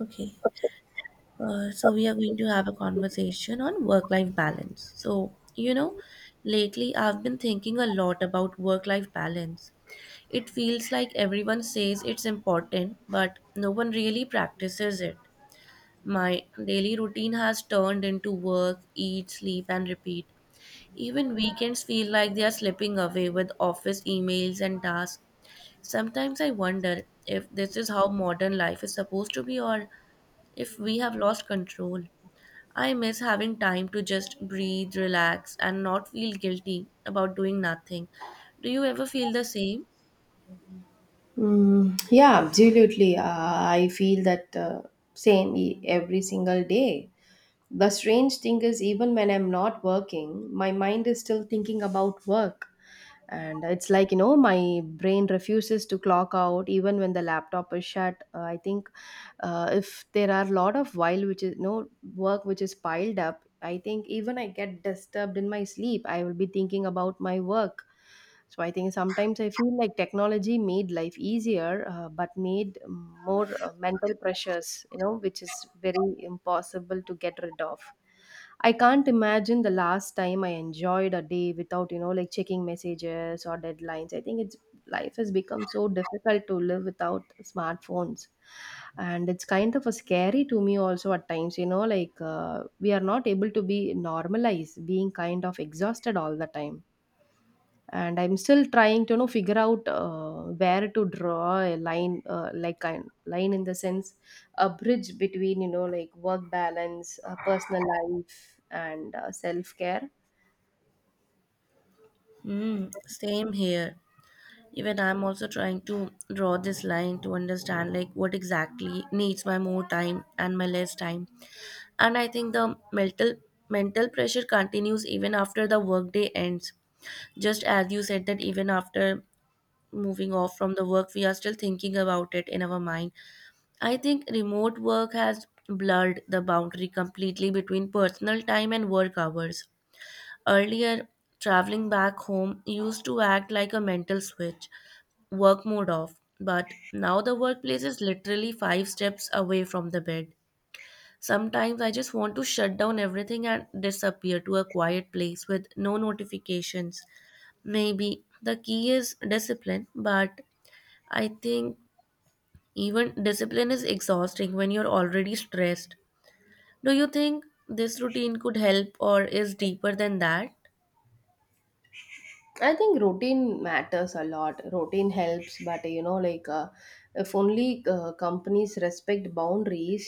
Okay, so we are going to have a conversation on work-life balance. So, lately I've been thinking a lot about work-life balance. It feels like everyone says it's important, but no one really practices it. My daily routine has turned into work, eat, sleep, and repeat. Even weekends feel like they are slipping away with office emails and tasks. Sometimes I wonder if this is how modern life is supposed to be or if we have lost control. I miss having time to just breathe, relax, and not feel guilty about doing nothing. Do you ever feel the same? Yeah, absolutely. I feel that every single day. The strange thing is, even when I'm not working, my mind is still thinking about work. And it's like, my brain refuses to clock out even when the laptop is shut. I think if there are a lot of while, which is no work which is piled up, I think even I get disturbed in my sleep, I will be thinking about my work. So I think sometimes I feel like technology made life easier, but made more mental pressures, you know, which is very impossible to get rid of. I can't imagine the last time I enjoyed a day without, like checking messages or deadlines. I think it's Life has become so difficult to live without smartphones. And it's kind of a scary to me also at times, you know, we are not able to be normalized being kind of exhausted all the time, and I'm still trying to, you know, figure out, where to draw a line like kind line in the sense, a bridge between, you know, like work balance, personal life, and self care. Hmm, same here. Even I'm also trying to draw this line to understand like what exactly needs my more time and my less time. And I think the mental pressure continues even after the workday ends. Just as you said that even after moving off from the work we are still thinking about it in our mind. I think remote work has blurred the boundary completely between personal time and work hours. Earlier, traveling back home used to act like a mental switch, work mode off, but now the workplace is literally five steps away from the bed. Sometimes I just want to shut down everything and disappear to a quiet place with no notifications. Maybe the key is discipline, but I think even discipline is exhausting when you're already stressed. Do you think this routine could help or is deeper than that? I think routine matters a lot. Routine helps, but you know if only companies respect boundaries,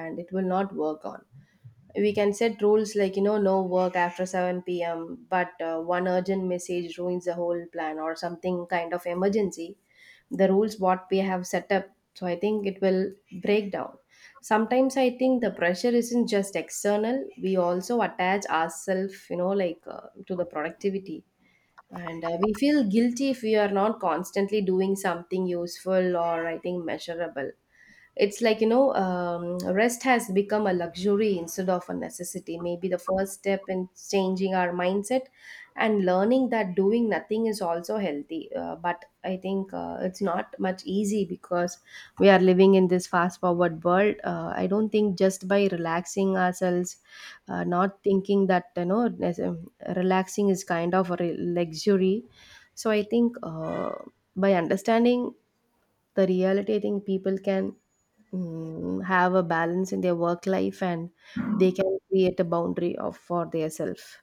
and it will not work on. We can set rules like, you know, no work after 7 p.m., but one urgent message ruins the whole plan, or something kind of emergency, the rules what we have set up, so I think it will break down. Sometimes I think the pressure isn't just external. We also attach ourselves, you know, to the productivity, and we feel guilty if we are not constantly doing something useful or, I think, measurable. It's like, rest has become a luxury instead of a necessity. Maybe the first step in changing our mindset and learning that doing nothing is also healthy. But I think it's not much easy because we are living in this fast forward world. I don't think just by relaxing ourselves, not thinking that, relaxing is kind of a luxury. So I think by understanding the reality, I think people can, have a balance in their work life, and they can create a boundary of for their self.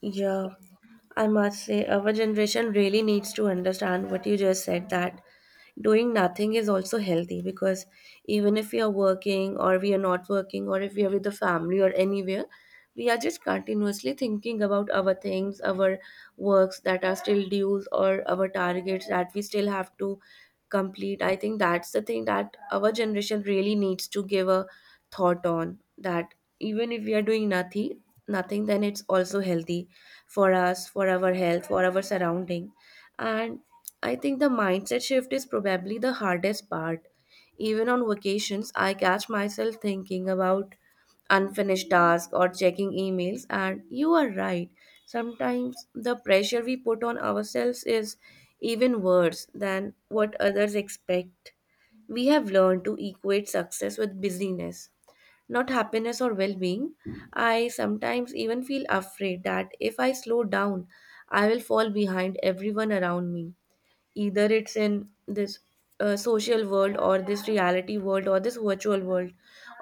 Yeah, I must say, our generation really needs to understand what you just said that doing nothing is also healthy because even if we are working or we are not working or if we are with the family or anywhere we are just continuously thinking about our things, our works that are still dues or our targets that we still have to complete. I think that's the thing that our generation really needs to give a thought on, that even if we are doing nothing then it's also healthy for us, for our health, for our surrounding. And I think the mindset shift is probably the hardest part. Even on vacations, I catch myself thinking about unfinished tasks or checking emails, and you are right. Sometimes the pressure we put on ourselves is even worse than what others expect. We have learned to equate success with busyness, not happiness or well being. I sometimes even feel afraid that if I slow down, I will fall behind everyone around me, either it's in this social world or this reality world or this virtual world,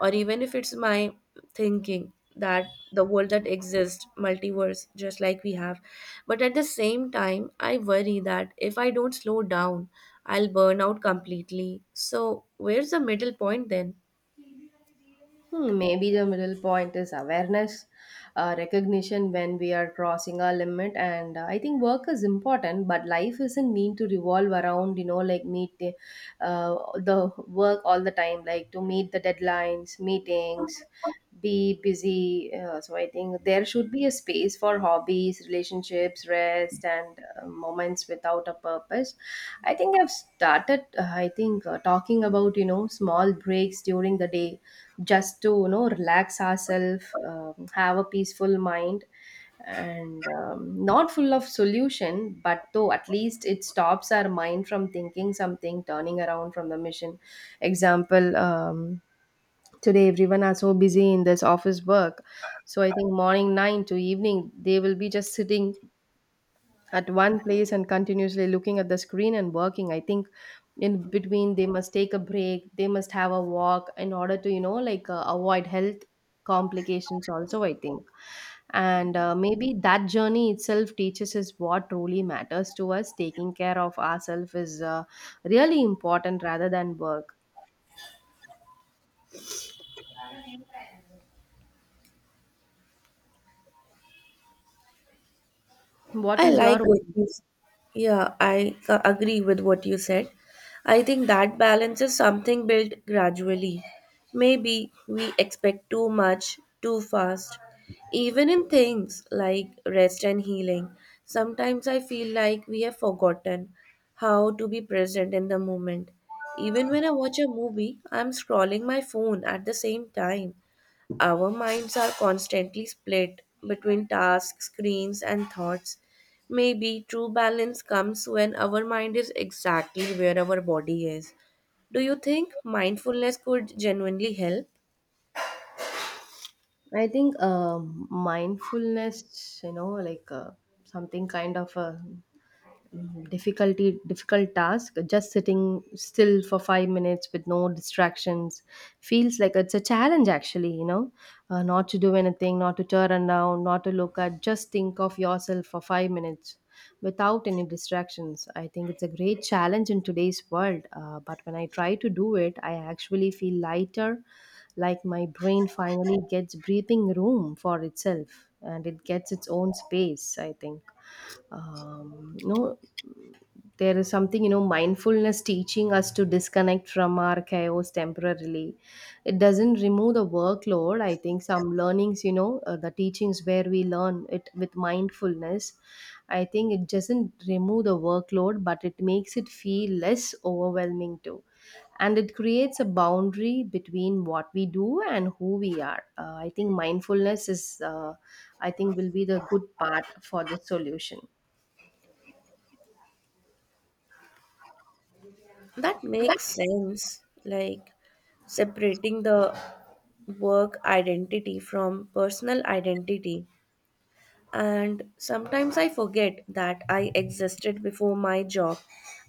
or even if it's my thinking that the world that exists multiverse just like we have. But at the same time I worry that if I don't slow down, I'll burn out completely. So where's the middle point then? Hmm, maybe the middle point is awareness, recognition when we are crossing our limit, and I think work is important, but life isn't mean to revolve around, you know, like meet the work all the time, like to meet the deadlines, meetings, be busy. So I think there should be a space for hobbies, relationships, rest, and moments without a purpose. I've started talking about, you know, small breaks during the day just to, you know, relax ourselves, have a peaceful mind, and not full of solution, but though at least it stops our mind from thinking something, turning around from the mission. Example, today everyone are so busy in this office work, so I think morning 9 to evening they will be just sitting at one place and continuously looking at the screen and working. I think in between they must take a break, they must have a walk in order to, you know, avoid health complications also, I think. And maybe that journey itself teaches us what truly matters to us. Taking care of ourselves is really important rather than work. What I is your like what opinion? you s- Yeah, I agree with what you said. I think that balance is something built gradually. Maybe we expect too much too fast. Even in things like rest and healing, sometimes I feel like we have forgotten how to be present in the moment. Even when I watch a movie, I'm scrolling my phone at the same time. Our minds are constantly split between tasks, screens, and thoughts. Maybe true balance comes when our mind is exactly where our body is. Do you think mindfulness could genuinely help? I think mindfulness, you know something kind of a Mhm. Difficult task. Just sitting still for 5 minutes with no distractions feels like it's a challenge, actually, you know. Not to do anything, not to turn around, not to look at, just think of yourself for 5 minutes without any distractions. I think it's a great challenge in today's world. But when I try to do it, I actually feel lighter, like my brain finally gets breathing room for itself and it gets its own space. I think, no, there is something, you know, mindfulness teaching us to disconnect from our chaos temporarily. It doesn't remove the workload. I think some learnings, you know, the teachings where we learn it with mindfulness, I think it doesn't remove the workload, but it makes it feel less overwhelming too, and it creates a boundary between what we do and who we are. I think mindfulness is, I think, will be the good part for the solution. That makes sense. Like separating the work identity from personal identity. And sometimes I forget that I existed before my job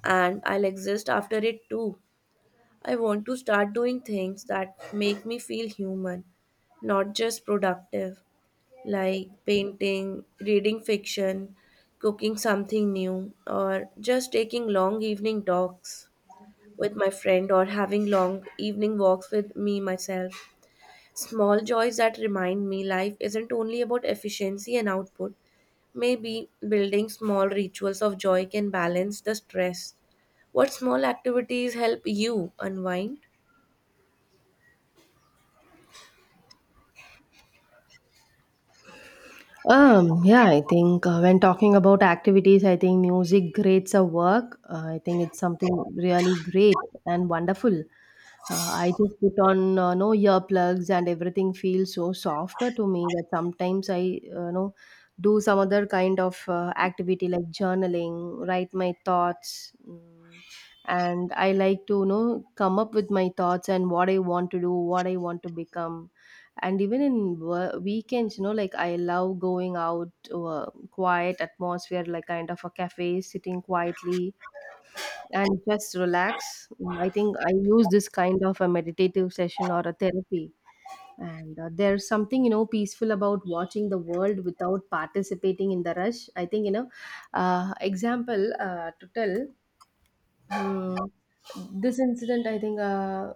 and I'll exist after it too. I want to start doing things that make me feel human, not just productive, like painting, reading fiction, cooking something new, or just taking long evening talks with my friend or having long evening walks with me myself. Small joys that remind me life isn't only about efficiency and output. Maybe building small rituals of joy can balance the stress. What small activities help you unwind? Yeah, I think when talking about activities, I think music creates a work. I think it's something really great and wonderful. I just put on no earplugs and everything feels so softer to me, that sometimes I know do some other kind of activity like journaling, write my thoughts, and I like to, you know, come up with my thoughts and what I want to do, what I want to become. And even in weekends, you know, like I love going out to a quiet atmosphere, like kind of a cafe, sitting quietly and just relax. I think I use this kind of a meditative session or a therapy, and there's something, you know, peaceful about watching the world without participating in the rush. I think, you know, example, to tell Hmm. This incident, I think,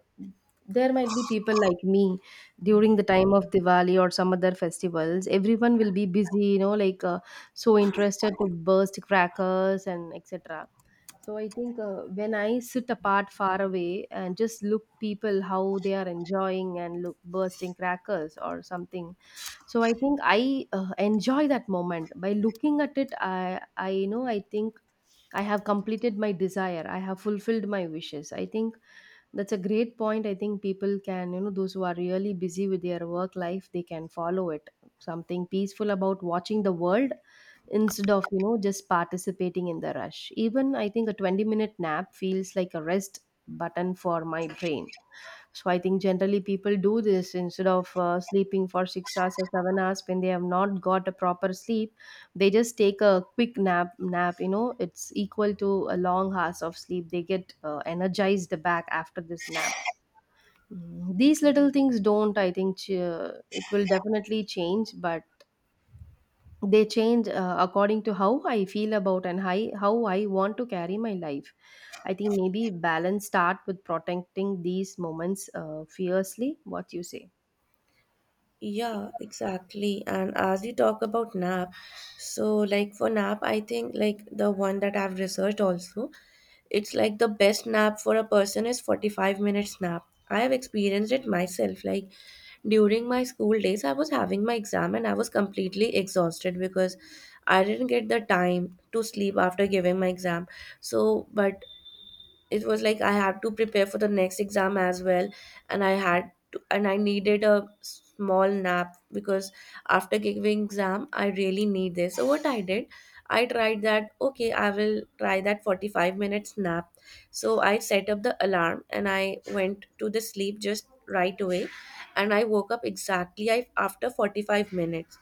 there might be people like me during the time of Diwali or some other festivals. Everyone will be busy, you know, so interested to burst crackers and etc. So I think when I sit apart far away and just look people how they are enjoying and look bursting crackers or something. So I think I enjoy that moment by looking at it. I know, I think I have completed my desire. I have fulfilled my wishes. I think that's a great point. I think people can, you know, those who are really busy with their work life, they can follow it. Something peaceful about watching the world instead of, you know, just participating in the rush. Even I think a 20-minute nap feels like a rest button for my brain. So I think generally people do this instead of sleeping for 6 hours or 7 hours. When they have not got a proper sleep, they just take a quick nap, you know, it's equal to a long hours of sleep. They get energized back after this nap. These little things don't, it will definitely change, but they change according to how I feel about and how I want to carry my life. I think maybe balance start with protecting these moments fiercely, what you say. Yeah, exactly. And as you talk about nap, so like for nap, I think like the one that I've researched also, it's like the best nap for a person is 45 minutes nap. I have experienced it myself. Like during my school days, I was having my exam and I was completely exhausted because I didn't get the time to sleep after giving my exam. So, but it was like I had to prepare for the next exam as well, and I had to, and I needed a small nap because after giving exam I really need this. So what I did, I tried that. Okay, I will try that 45 nap. So I set up the alarm and I went to the sleep just right away, and I woke up exactly after 45,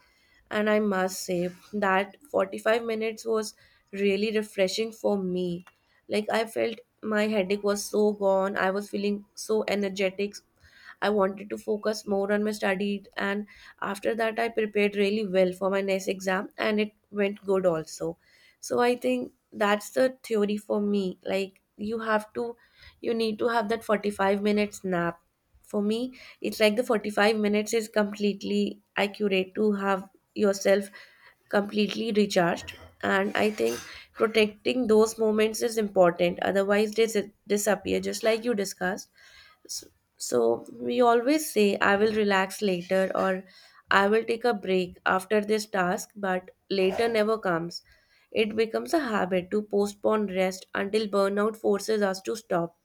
and I must say that 45 minutes was really refreshing for me. Like I felt my headache was so gone, I was feeling so energetic. I wanted to focus more on my studies, and after that, I prepared really well for my next exam, and it went good also. So I think that's the theory for me. Like you have to, you need to have that 45 nap. For me, it's like the 45 is completely accurate to have yourself completely recharged. And I think protecting those moments is important, otherwise they disappear, just like you discussed. So, so we always say, I will relax later or I will take a break after this task, but later never comes. It becomes a habit to postpone rest until burnout forces us to stop.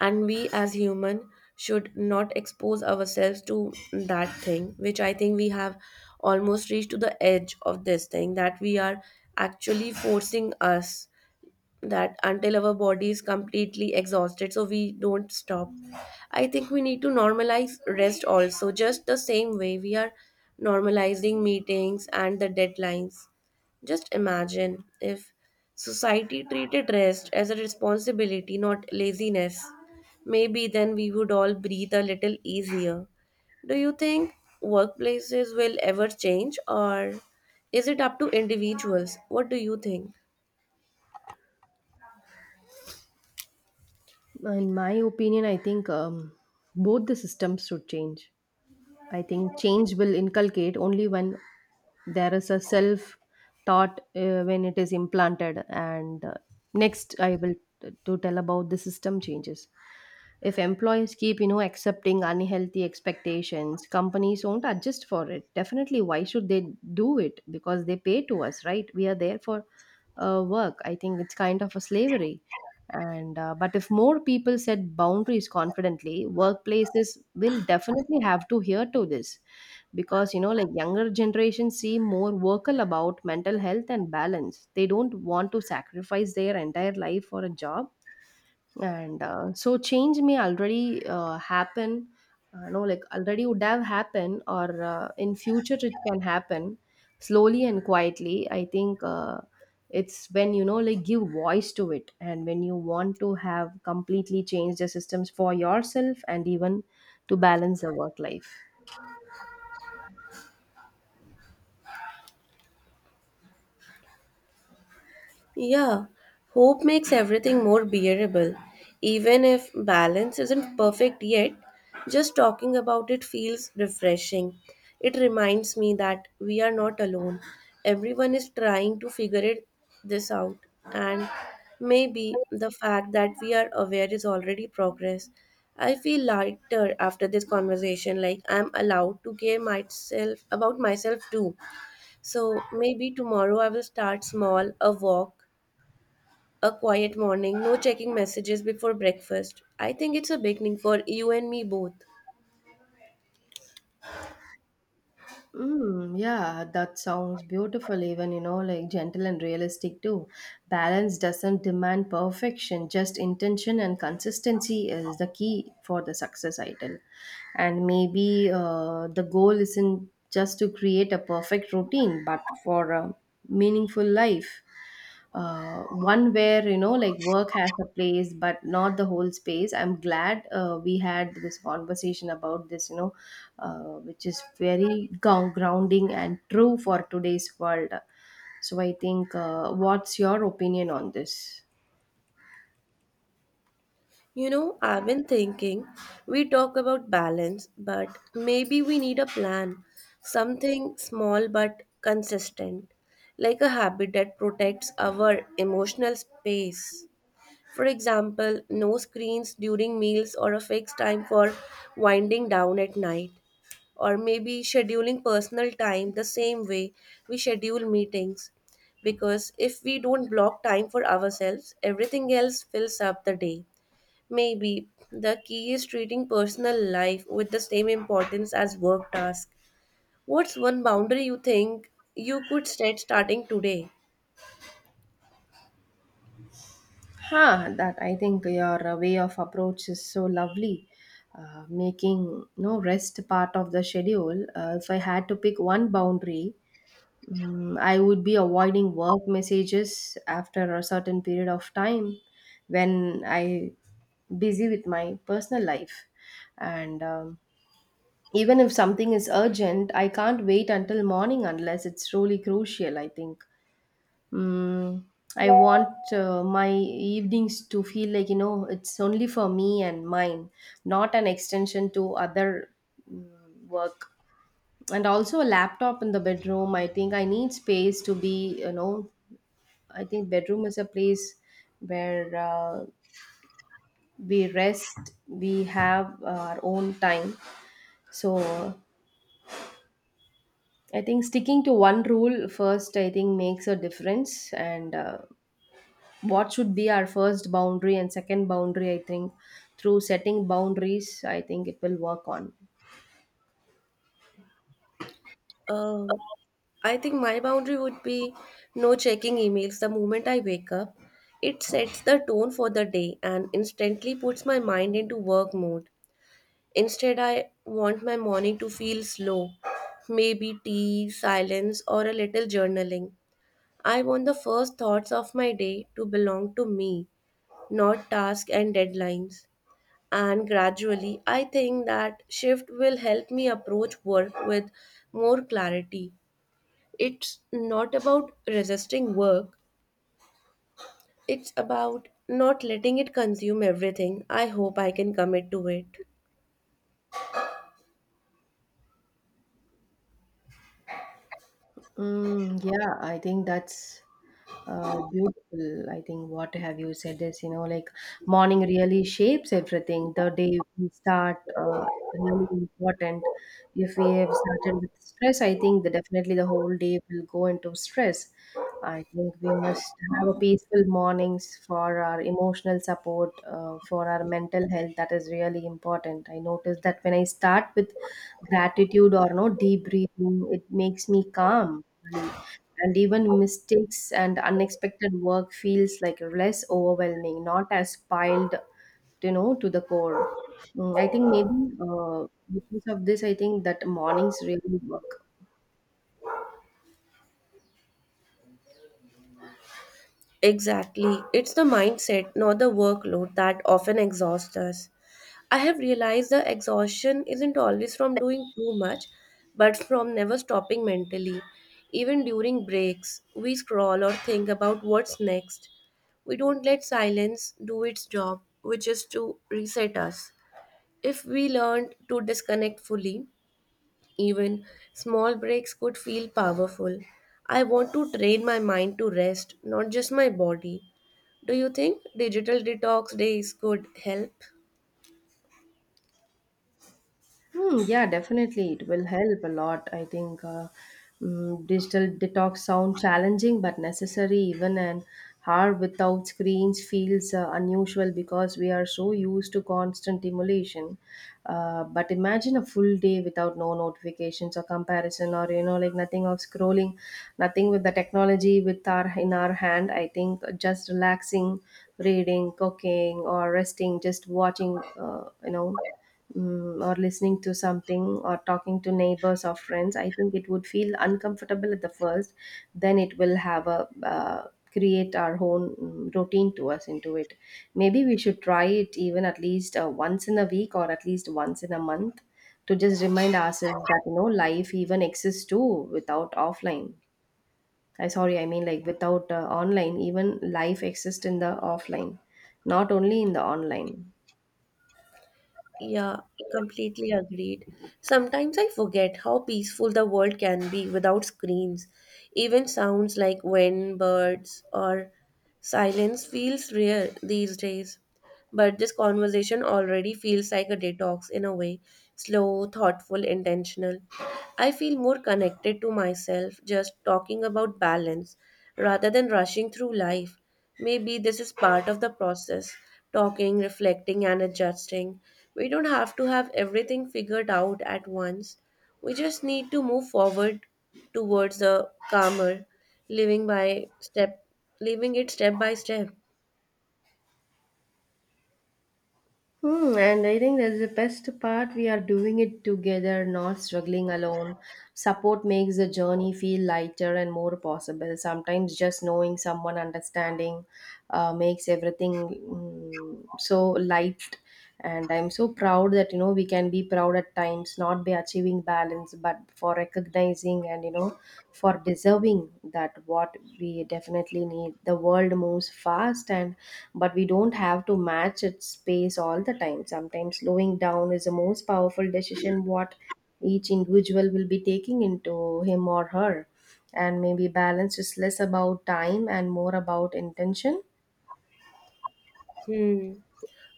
And we as human should not expose ourselves to that thing, which I think we have almost reached to the edge of this thing, that we are actually forcing us that until our body is completely exhausted so we don't stop. I think we need to normalize rest also, just the same way we are normalizing meetings and the deadlines. Just imagine if society treated rest as a responsibility, not laziness. Maybe then we would all breathe a little easier. Do you think workplaces will ever change or is it up to individuals? What do you think? In my opinion, I think, both the systems should change. I think change will inculcate only when there is a self thought, when it is implanted. And next, I will to tell about the system changes. If employees keep, you know, accepting unhealthy expectations, companies won't adjust for it. Definitely, why should they do it? Because they pay to us, right? We are there for work. I think it's kind of a slavery, and but if more people set boundaries confidently, workplaces will definitely have to hear to this, because you know, like younger generations seem more vocal about mental health and balance. They don't want to sacrifice their entire life for a job, and so change may already happen, no like already would have happened, or in future it can happen slowly and quietly. I think it's when, you know, like give voice to it, and when you want to have completely changed the systems for yourself and even to balance the work life. Yeah, hope makes everything more bearable. Even if balance isn't perfect yet, just talking about it feels refreshing. It reminds me that we are not alone. Everyone is trying to figure it this out, and maybe the fact that we are aware is already progress. I feel lighter after this conversation, like I'm allowed to care myself about myself too. So maybe tomorrow I will start small, a walk, a quiet morning, no checking messages before breakfast. I think it's a beginning for you and me both. Yeah, that sounds beautiful, even you know, like gentle and realistic too. Balance doesn't demand perfection, just intention and consistency is the key for the success idol. And maybe the goal isn't just to create a perfect routine, but for a meaningful life. One where, you know, like work has a place but not the whole space. I'm glad we had this conversation about this, you know, which is very grounding and true for today's world. So I think, what's your opinion on this? You know, I've been thinking we talk about balance, but maybe we need a plan. Something small but consistent, like a habit that protects our emotional space. For example, no screens during meals or a fixed time for winding down at night. Or maybe scheduling personal time the same way we schedule meetings. Because if we don't block time for ourselves, everything else fills up the day. Maybe the key is treating personal life with the same importance as work tasks. What's one boundary you think you could set starting today? Huh, that I think your way of approach is so lovely, making no rest part of the schedule. If I had to pick one boundary, I would be avoiding work messages after a certain period of time when I busy with my personal life and. Even if something is urgent, I can't wait until morning unless it's really crucial, I think. Mm, I want my evenings to feel like, you know, it's only for me and mine, not an extension to other mm, work. And also a laptop in the bedroom. I think I need space to be, you know, I think bedroom is a place where we rest, we have our own time. So I think sticking to one rule first, I think makes a difference. And what should be our first boundary and second boundary, I think through setting boundaries, I think it will work on. Um, I think my boundary would be no checking emails the moment I wake up. It sets the tone for the day and instantly puts my mind into work mode. Instead, I want my morning to feel slow, maybe tea, silence, or a little journaling. I want the first thoughts of my day to belong to me, not tasks and deadlines. And gradually, I think that shift will help me approach work with more clarity. It's not about resisting work, it's about not letting it consume everything. I hope I can commit to it. Mm, yeah, I think that's beautiful. I think what have you said is, you know, like morning really shapes everything. The day we start really important. If we have started with stress, I think that definitely the whole day will go into stress. I think we must have a peaceful mornings for our emotional support, for our mental health. That is really important. I notice that when I start with gratitude or no deep breathing, it makes me calm regularly, and even mistakes and unexpected work feels like less overwhelming, not as piled, you know, to the core. I think maybe uh, because of this, I think that mornings really work. Exactly. It's the mindset, not the workload, that often exhausts us. I have realized the exhaustion isn't always from doing too much, but from never stopping mentally. Even during breaks, we scroll or think about what's next. We don't let silence do its job, which is to reset us. If we learned to disconnect fully, even small breaks could feel powerful. I want to train my mind to rest, not just my body. Do you think digital detox days could help? Hmm, yeah, definitely. It will help a lot. I think digital detox sound challenging but necessary. Even an hour without screens feels unusual because we are so used to constant stimulation. But imagine a full day without no notifications or comparison, or you know, like nothing of scrolling, nothing with the technology with our in our hand. I think just relaxing, reading, cooking, or resting, just watching. You know, or listening to something or talking to neighbors or friends, I think it would feel uncomfortable at the first, then it will have a uh, create our own routine to us into it. Maybe we should try it even at least once in a week or at least once in a month, to just remind ourselves that, you know, life even exists too without offline. I sorry, I mean like without online, even life exists in the offline, not only in the online. Yeah, completely agreed. Sometimes I forget how peaceful the world can be without screens. Even sounds like wind, birds, or silence feels rare these days. But this conversation already feels like a detox in a way, slow, thoughtful, intentional. I feel more connected to myself just talking about balance rather than rushing through life. Maybe this is part of the process, talking, reflecting, and adjusting. We don't have to have everything figured out at once. We just need to move forward towards a calmer living by step, living it step by step. Hmm, and I think that's the best part. We are doing it together, not struggling alone. Support makes the journey feel lighter and more possible. Sometimes just knowing someone understanding makes everything so light. And I'm so proud that, you know, we can be proud at times, not by achieving balance but for recognizing, and you know, for deserving that what we definitely need. The world moves fast, and but we don't have to match its pace all the time. Sometimes slowing down is the most powerful decision what each individual will be taking into him or her. And maybe balance is less about time and more about intention. Hmm.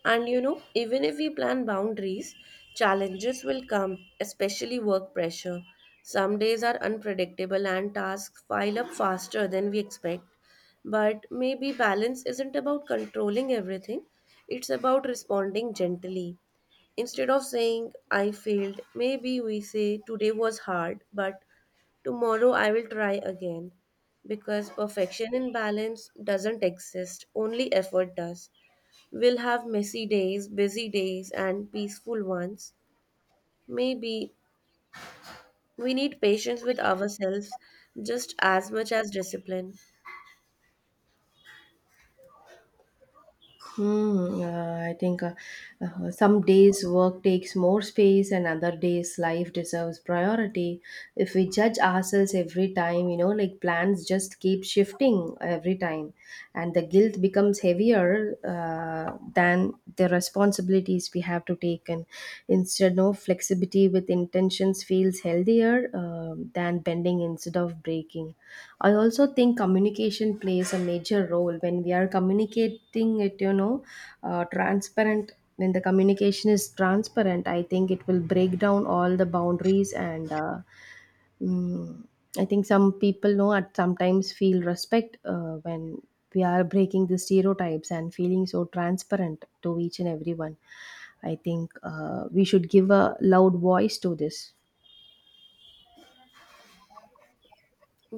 And you know, even if we plan boundaries, challenges will come, especially work pressure. Some days are unpredictable and tasks pile up faster than we expect. But maybe balance isn't about controlling everything, it's about responding gently. Instead of saying, I failed, maybe we say, today was hard, but tomorrow I will try again. Because perfection in balance doesn't exist, only effort does. We'll have messy days, busy days, and peaceful ones. Maybe we need patience with ourselves just as much as discipline. Hmm. I think Some days work takes more space, and other days life deserves priority. If we judge ourselves every time, you know, like plans just keep shifting every time, and the guilt becomes heavier than the responsibilities we have to take. And instead, no flexibility with intentions feels healthier than bending instead of breaking. I also think communication plays a major role when we are communicating it, you know, transparent. When the communication is transparent, I think it will break down all the boundaries, and mm, I think some people know at sometimes feel respect when we are breaking the stereotypes and feeling so transparent to each and everyone. I think we should give a loud voice to this.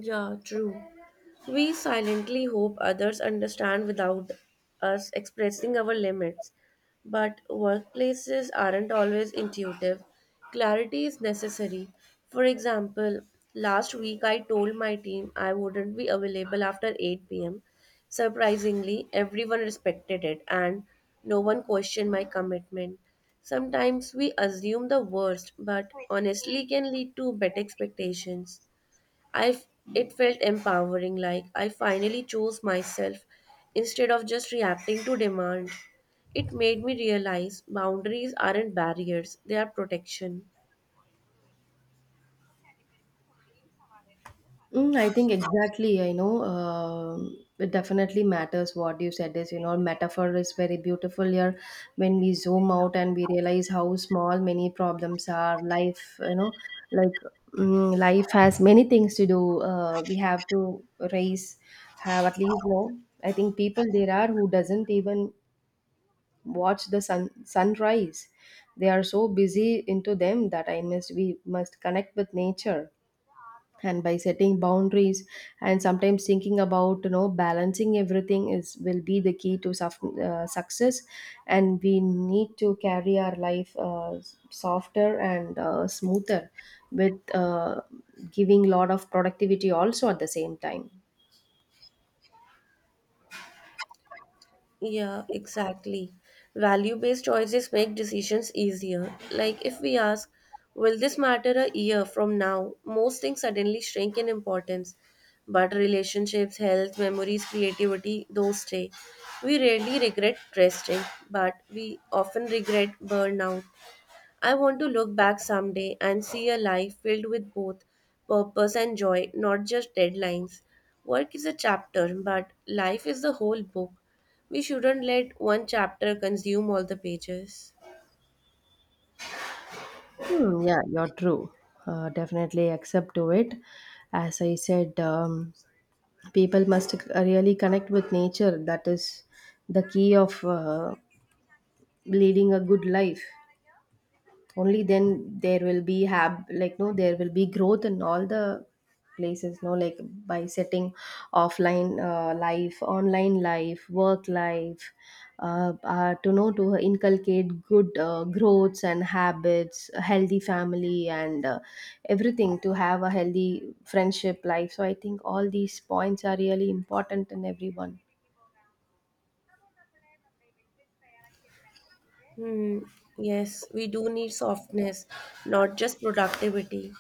Yeah, true. We silently hope others understand without us expressing our limits. But workplaces aren't always intuitive. Clarity is necessary. For example, last week I told my team I wouldn't be available after 8 pm. Surprisingly, everyone respected it and no one questioned my commitment. Sometimes we assume the worst, but honestly can lead to better expectations. I f- it felt empowering, like I finally chose myself instead of just reacting to demand. It made me realize boundaries aren't barriers, they are protection. Mm, I think exactly. I know, it definitely matters. What you said is, you know, metaphor is very beautiful here when we zoom out and we realize how small many problems are. Life, you know, like life has many things to do. We have to raise, have at least, you know, I think people there are who doesn't even watch the sunrise. They are so busy into them that I must we must connect with nature, and by setting boundaries and sometimes thinking about, you know, balancing everything is will be the key to success. And we need to carry our life softer and smoother with giving lot of productivity also at the same time. Yeah, exactly. Value-based choices make decisions easier. Like if we ask, will this matter a year from now? Most things suddenly shrink in importance. But relationships, health, memories, creativity, those stay. We rarely regret resting, but we often regret burnout. I want to look back someday and see a life filled with both purpose and joy, not just deadlines. Work is a chapter, but life is the whole book. We shouldn't let one chapter consume all the pages. Hmm, yeah, you're true. Definitely accept to it. As I said, people must really connect with nature. That is the key of leading a good life. Only then there will be have, like, no, there will be growth in all the places, no, like by setting offline life, online life, work life, to know to inculcate good growths and habits, a healthy family, and everything to have a healthy friendship life. So I think all these points are really important in everyone. Hmm. Yes, we do need softness, not just productivity.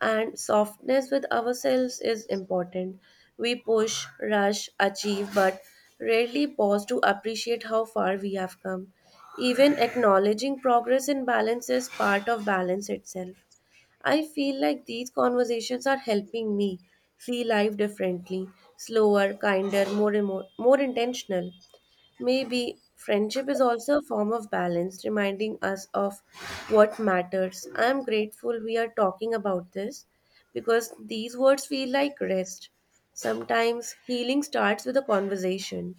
And softness with ourselves is important. We push, rush, achieve, but rarely pause to appreciate how far we have come. Even acknowledging progress in balance is part of balance itself. I feel like these conversations are helping me see life differently, slower, kinder, more more intentional. Maybe friendship is also a form of balance, reminding us of what matters. I am grateful we are talking about this because these words feel like rest. Sometimes healing starts with a conversation.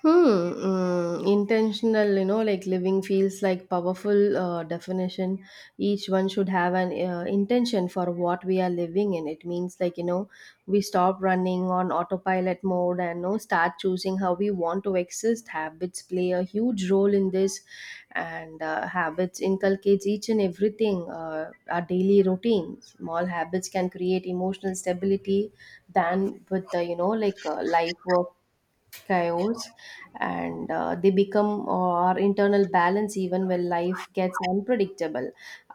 Hmm, mm, intentional, you know, like living feels like powerful definition. Each one should have an intention for what we are living in. It means, like, you know, we stop running on autopilot mode and, you know, start choosing how we want to exist. Habits play a huge role in this, and habits inculcates each and everything, our daily routine. Small habits can create emotional stability than with the, you know, like life work chaos, and they become our internal balance even when life gets unpredictable.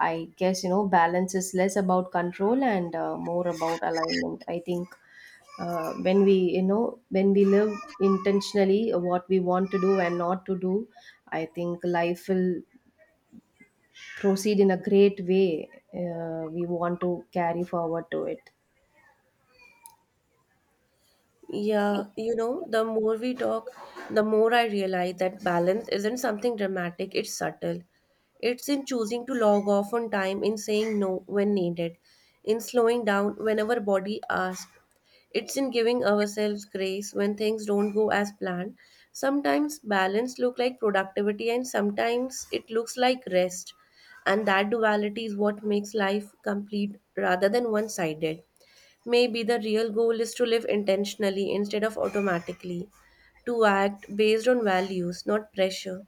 I guess, you know, balance is less about control and more about alignment, I think. When we, you know, when we live intentionally what we want to do and not to do, I think life will proceed in a great way we want to carry forward to it. Yeah, you know, the more we talk, the more I realize that balance isn't something dramatic, it's subtle. It's in choosing to log off on time, in saying no when needed, in slowing down whenever body asks. It's in giving ourselves grace when things don't go as planned. Sometimes balance look like productivity and sometimes it looks like rest. And that duality is what makes life complete rather than one-sided. Maybe the real goal is to live intentionally instead of automatically, to act based on values, not pressure.